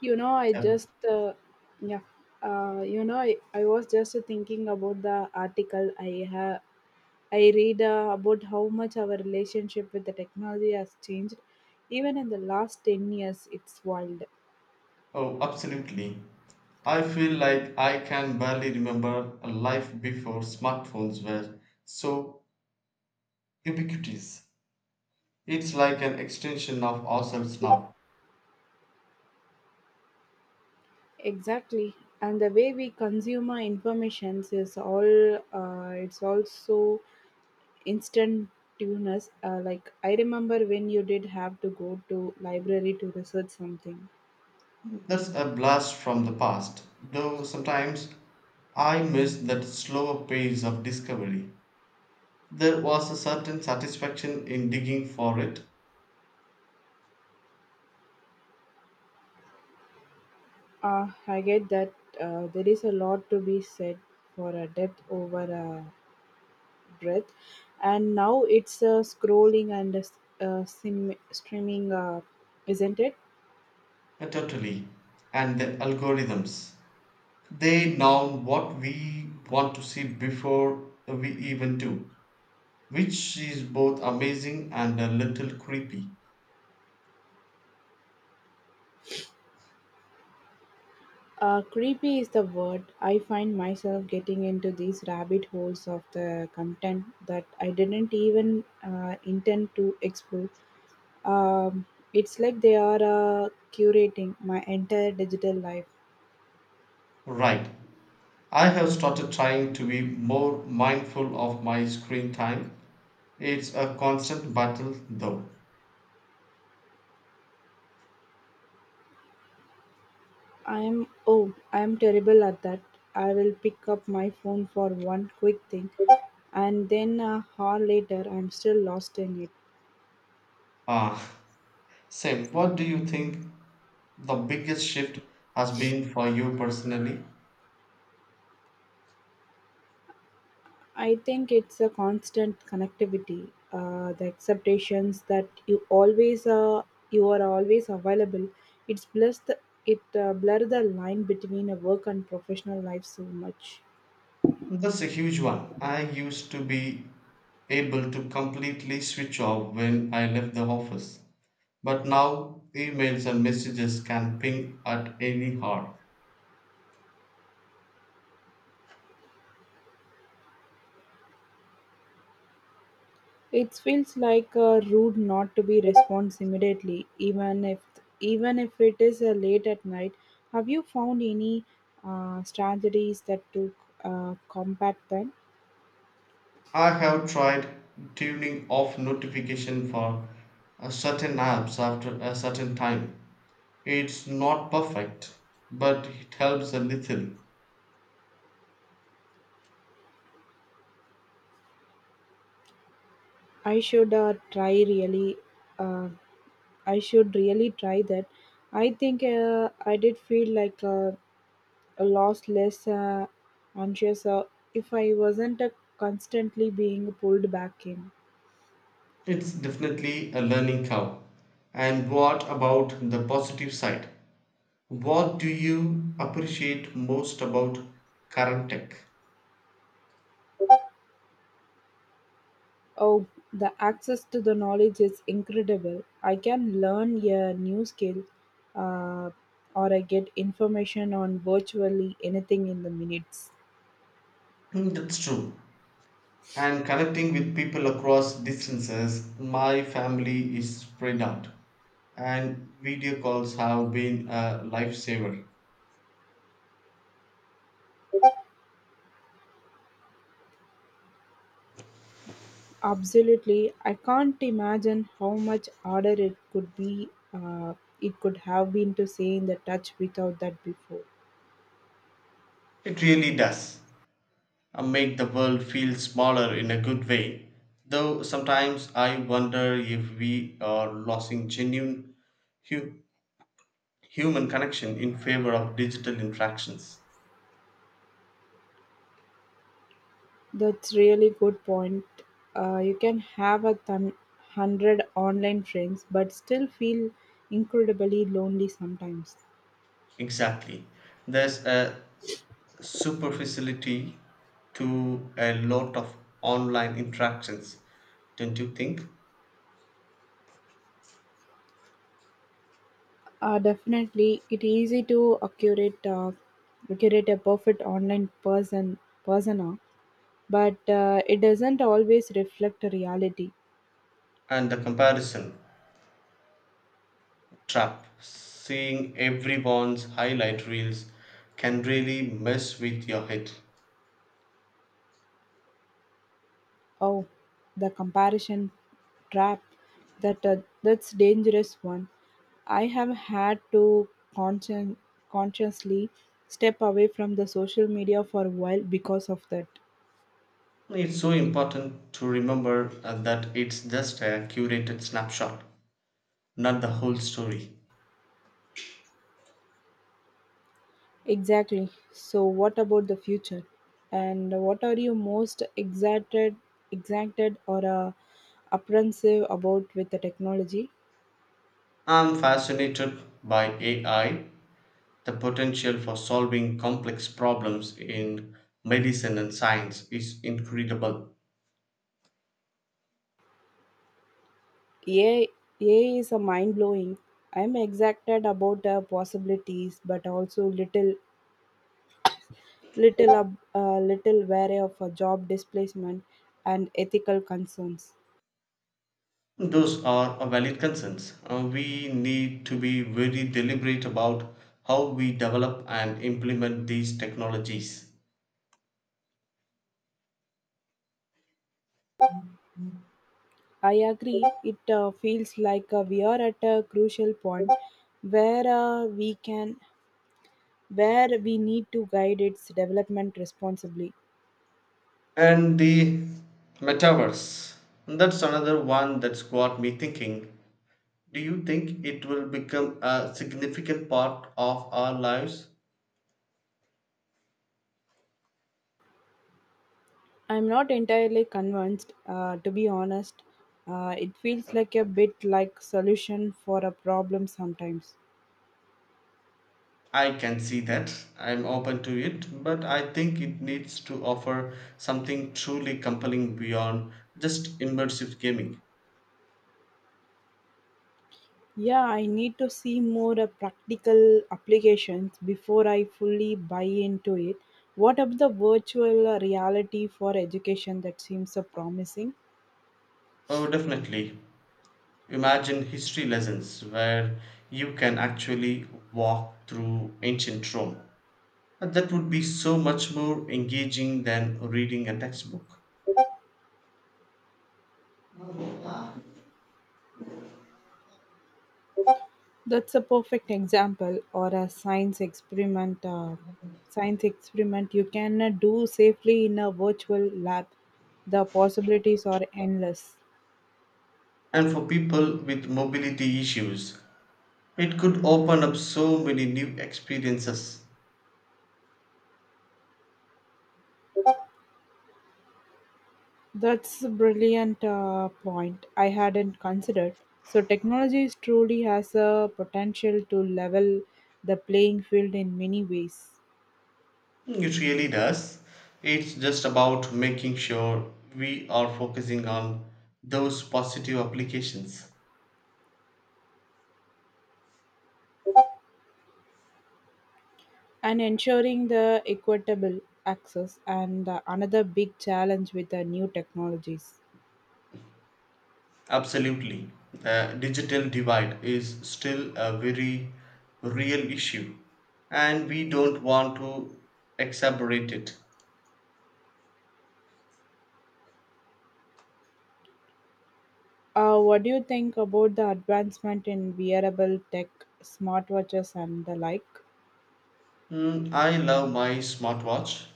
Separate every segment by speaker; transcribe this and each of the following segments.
Speaker 1: You know I
Speaker 2: Um,
Speaker 1: just Yeah. I was just thinking about the article I read about how much our relationship with the technology has changed even in the last 10 years. It's wild.
Speaker 2: Oh, absolutely. I feel like I can barely remember a life before smartphones were so ubiquitous. It's like an extension of ourselves now.
Speaker 1: Exactly. And the way we consume our information is all it's also instantaneous. Like I remember when you did have to go to library to research something.
Speaker 2: That's a blast from the past, though sometimes I miss that slower pace of discovery. There was a certain satisfaction in digging for it,
Speaker 1: I get that. There is a lot to be said for a depth over a breadth, and now it's scrolling and streaming, isn't it?
Speaker 2: totally, and the algorithms. They know what we want to see before we even do, which is both amazing and a little creepy.
Speaker 1: Creepy is the word. I find myself getting into these rabbit holes of the content that I didn't even intend to explore. Um, it's like they are curating my entire digital life.
Speaker 2: Right. I have started trying to be more mindful of my screen time. It's a constant battle though.
Speaker 1: I'm terrible at that. I will pick up my phone for one quick thing, and then a hour later, I'm still lost in it.
Speaker 2: Ah, Sam, what do you think the biggest shift has been for you personally?
Speaker 1: I think it's a constant connectivity, the expectations that you always you are always available. It's blurs the, it blur the line between a work and professional life so much.
Speaker 2: That's a huge one. I used to be able to completely switch off when I left the office. But now emails and messages can ping at any hour.
Speaker 1: It feels like a rude not to be response immediately, even if it is late at night. Have you found any strategies that to combat them?
Speaker 2: I have tried tuning off notification for a certain apps after a certain time. It's not perfect, but it helps a little.
Speaker 1: I should try really. Uh, I should really try that. I think I did feel like a lost less anxious if I wasn't constantly being pulled back in.
Speaker 2: It's definitely a learning curve. And what about the positive side? What do you appreciate most about current tech?
Speaker 1: Oh, the access to the knowledge is incredible. I can learn a new skill uh, or I get information on virtually anything in the minutes.
Speaker 2: Hmm. That's true, and connecting with people across distances. My family is spread out, and video calls have been a lifesaver.
Speaker 1: Absolutely. I can't imagine how much harder it could uh, it could have been to stay in the touch without that before.
Speaker 2: It really does make the world feel smaller in a good way. Though sometimes I wonder if we are losing genuine hu- human connection in favor of digital interactions.
Speaker 1: That's really good point. You can have a hundred online friends, but still feel incredibly lonely sometimes.
Speaker 2: Exactly. There's a superficiality to a lot of online interactions, don't you think?
Speaker 1: Definitely, it easy to curate a perfect online persona, but it doesn't always reflect reality.
Speaker 2: And the comparison trap, seeing everyone's highlight reels can really mess with your head.
Speaker 1: Oh, the comparison trap that uh, that's dangerous one. I have had to conscien- consciously step away from the social media for a while because of that.
Speaker 2: It's so important to remember that it's just a curated snapshot, not the whole story.
Speaker 1: Exactly. So, what about the future? And what are you most excited or apprehensive about with the technology?
Speaker 2: I'm fascinated by AI, the potential for solving complex problems in medicine and science is incredible.
Speaker 1: AI, AI is a mind blowing. I'm excited about the possibilities, but also little wary of a job displacement and ethical concerns.
Speaker 2: Those are a valid concerns. We need to be very deliberate about how we develop and implement these technologies.
Speaker 1: I agree. It feels like we are at a crucial point where uh, we can where we need to guide its development responsibly.
Speaker 2: And the metaverse, that's another one that's got me thinking. Do you think it will become a significant part of our lives?
Speaker 1: I'm not entirely convinced, to be honest. It feels like a bit like solution for a problem sometimes.
Speaker 2: I can see that. I'm open to it, but I think it needs to offer something truly compelling beyond just immersive gaming.
Speaker 1: Yeah, I need to see more practical applications before I fully buy into it. What about the virtual reality for education that seems so promising?
Speaker 2: Oh, definitely. Imagine history lessons where you can actually walk through ancient Rome. And that would be so much more engaging than reading a textbook.
Speaker 1: That's a perfect example or a science experiment. Science experiment you can do safely in a virtual lab. The possibilities are endless.
Speaker 2: And for people with mobility issues, it could open up so many new experiences.
Speaker 1: That's a brilliant point. I hadn't considered. So technology is truly has a potential to level the playing field in many ways
Speaker 2: It really does. It's just about making sure we are focusing on those positive applications.
Speaker 1: and ensuring the equitable access and another big challenge with the new technologies.
Speaker 2: Absolutely. The digital divide is still a very real issue, and we don't want to exacerbate it.
Speaker 1: What do you think about the advancement in wearable tech, smartwatches, and the like?
Speaker 2: Mm, I love my smartwatch.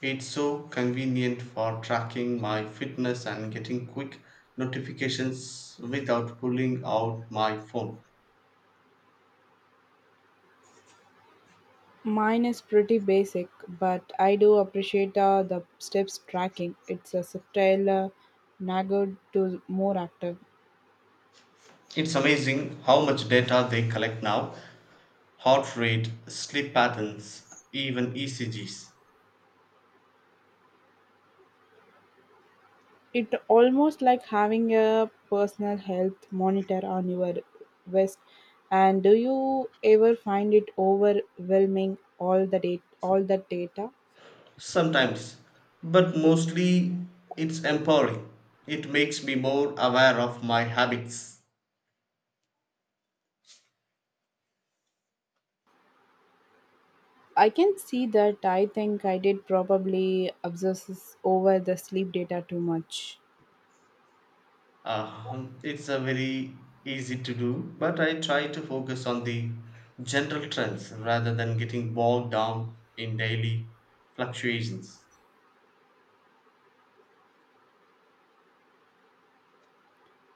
Speaker 2: It's so convenient for tracking my fitness and getting quick notifications without pulling out my phone.
Speaker 1: Mine is pretty basic, but I do appreciate the steps tracking. It's a subtle nagger to more active.
Speaker 2: It's amazing how much data they collect now, heart rate, sleep patterns, even ECGs.
Speaker 1: It almost like having a personal health monitor on your wrist. And do you ever find it overwhelming all the data?
Speaker 2: Sometimes, but mostly it's empowering. It makes me more aware of my habits.
Speaker 1: I can see that. I think I did probably obsess over the sleep data too much.
Speaker 2: It's a very easy to do, but I try to focus on the general trends rather than getting bogged down in daily fluctuations.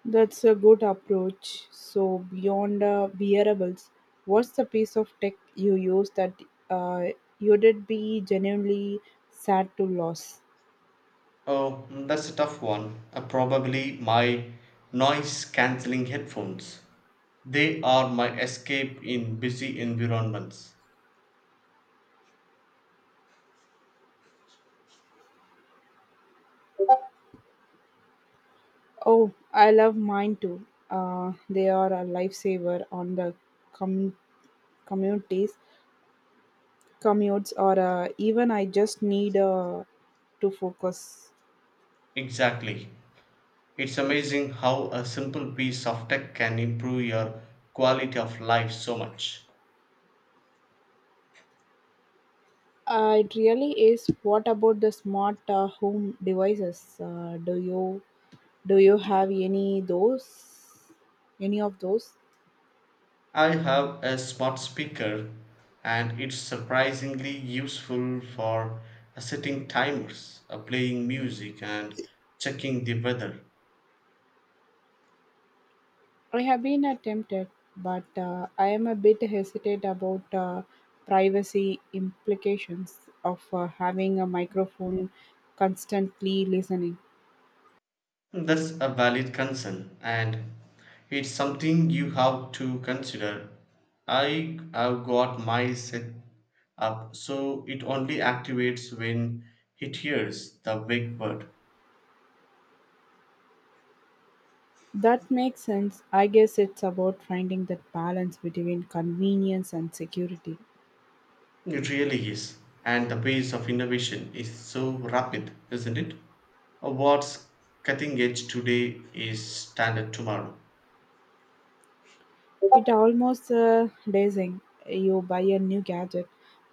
Speaker 1: That's a good approach. So, beyond wearables, what's the piece of tech you use that uh, you did be genuinely sad to lose?
Speaker 2: Oh, that's a tough one. Probably my noise cancelling headphones. They are my escape in busy environments.
Speaker 1: Oh, I love mine too. They are a lifesaver on the com- communities, commutes, or even I just need to focus.
Speaker 2: Exactly. It's amazing how a simple piece of tech can improve your quality of life so much.
Speaker 1: It really is. What about the smart home devices? Do you have any those? Any of those?
Speaker 2: I have a smart speaker and it's surprisingly useful for setting timers, playing music, and checking the weather.
Speaker 1: I have been attempted, but I am a bit hesitant about privacy implications of having a microphone constantly listening.
Speaker 2: That's a valid concern and it's something you have to consider. I have got my set up so it only activates when it hears the wake word.
Speaker 1: That makes sense. I guess it's about finding that balance between convenience and security.
Speaker 2: It really is. And the pace of innovation is so rapid, isn't it? What's cutting edge today is standard tomorrow.
Speaker 1: It almost dazing. You buy a new gadget,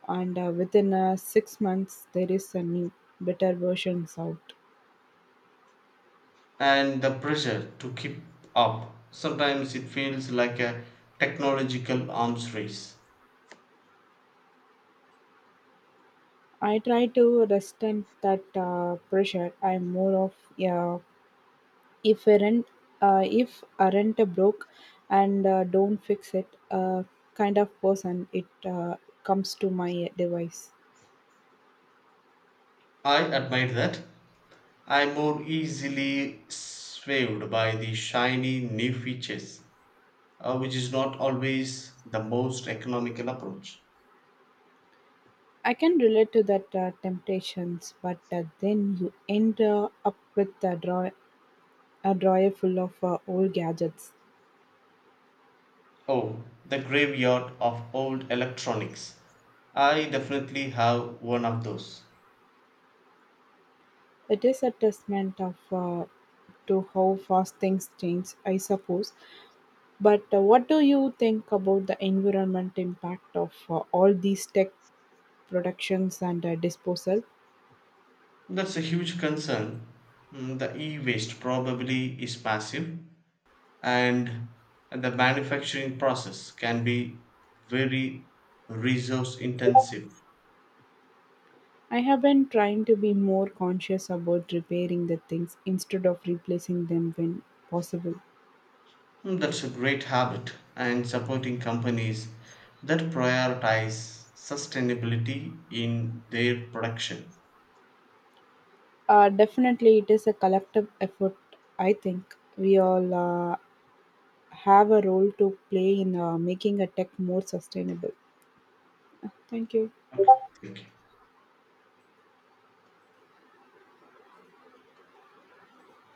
Speaker 1: and within 6 months, there is a new, better versions out.
Speaker 2: And the pressure to keep up, sometimes it feels like a technological arms race.
Speaker 1: I try to resist that pressure. I'm more of yeah, if aren't if aren't broke and don't fix it kind of person. It comes to my device.
Speaker 2: I admire that. I'm more easily swayed by the shiny new features, which is not always the most economical approach.
Speaker 1: I can relate to that temptations, but then you end up with the draw a drawer full of old gadgets.
Speaker 2: Oh, the graveyard of old electronics. I definitely have one of those.
Speaker 1: It is a testament of to how fast things change, I suppose. But what do you think about the environment impact of all these tech productions and disposal?
Speaker 2: That's a huge concern. Mm, the e waste probably is massive, and the manufacturing process can be very resource intensive.
Speaker 1: I have been trying to be more conscious about repairing the things instead of replacing them when possible.
Speaker 2: Mm, that's a great habit, and supporting companies that prioritize sustainability in their production.
Speaker 1: Definitely, it is a collective effort. I think we all have a role to play in making a tech more sustainable. Thank you.
Speaker 2: Okay, thank you.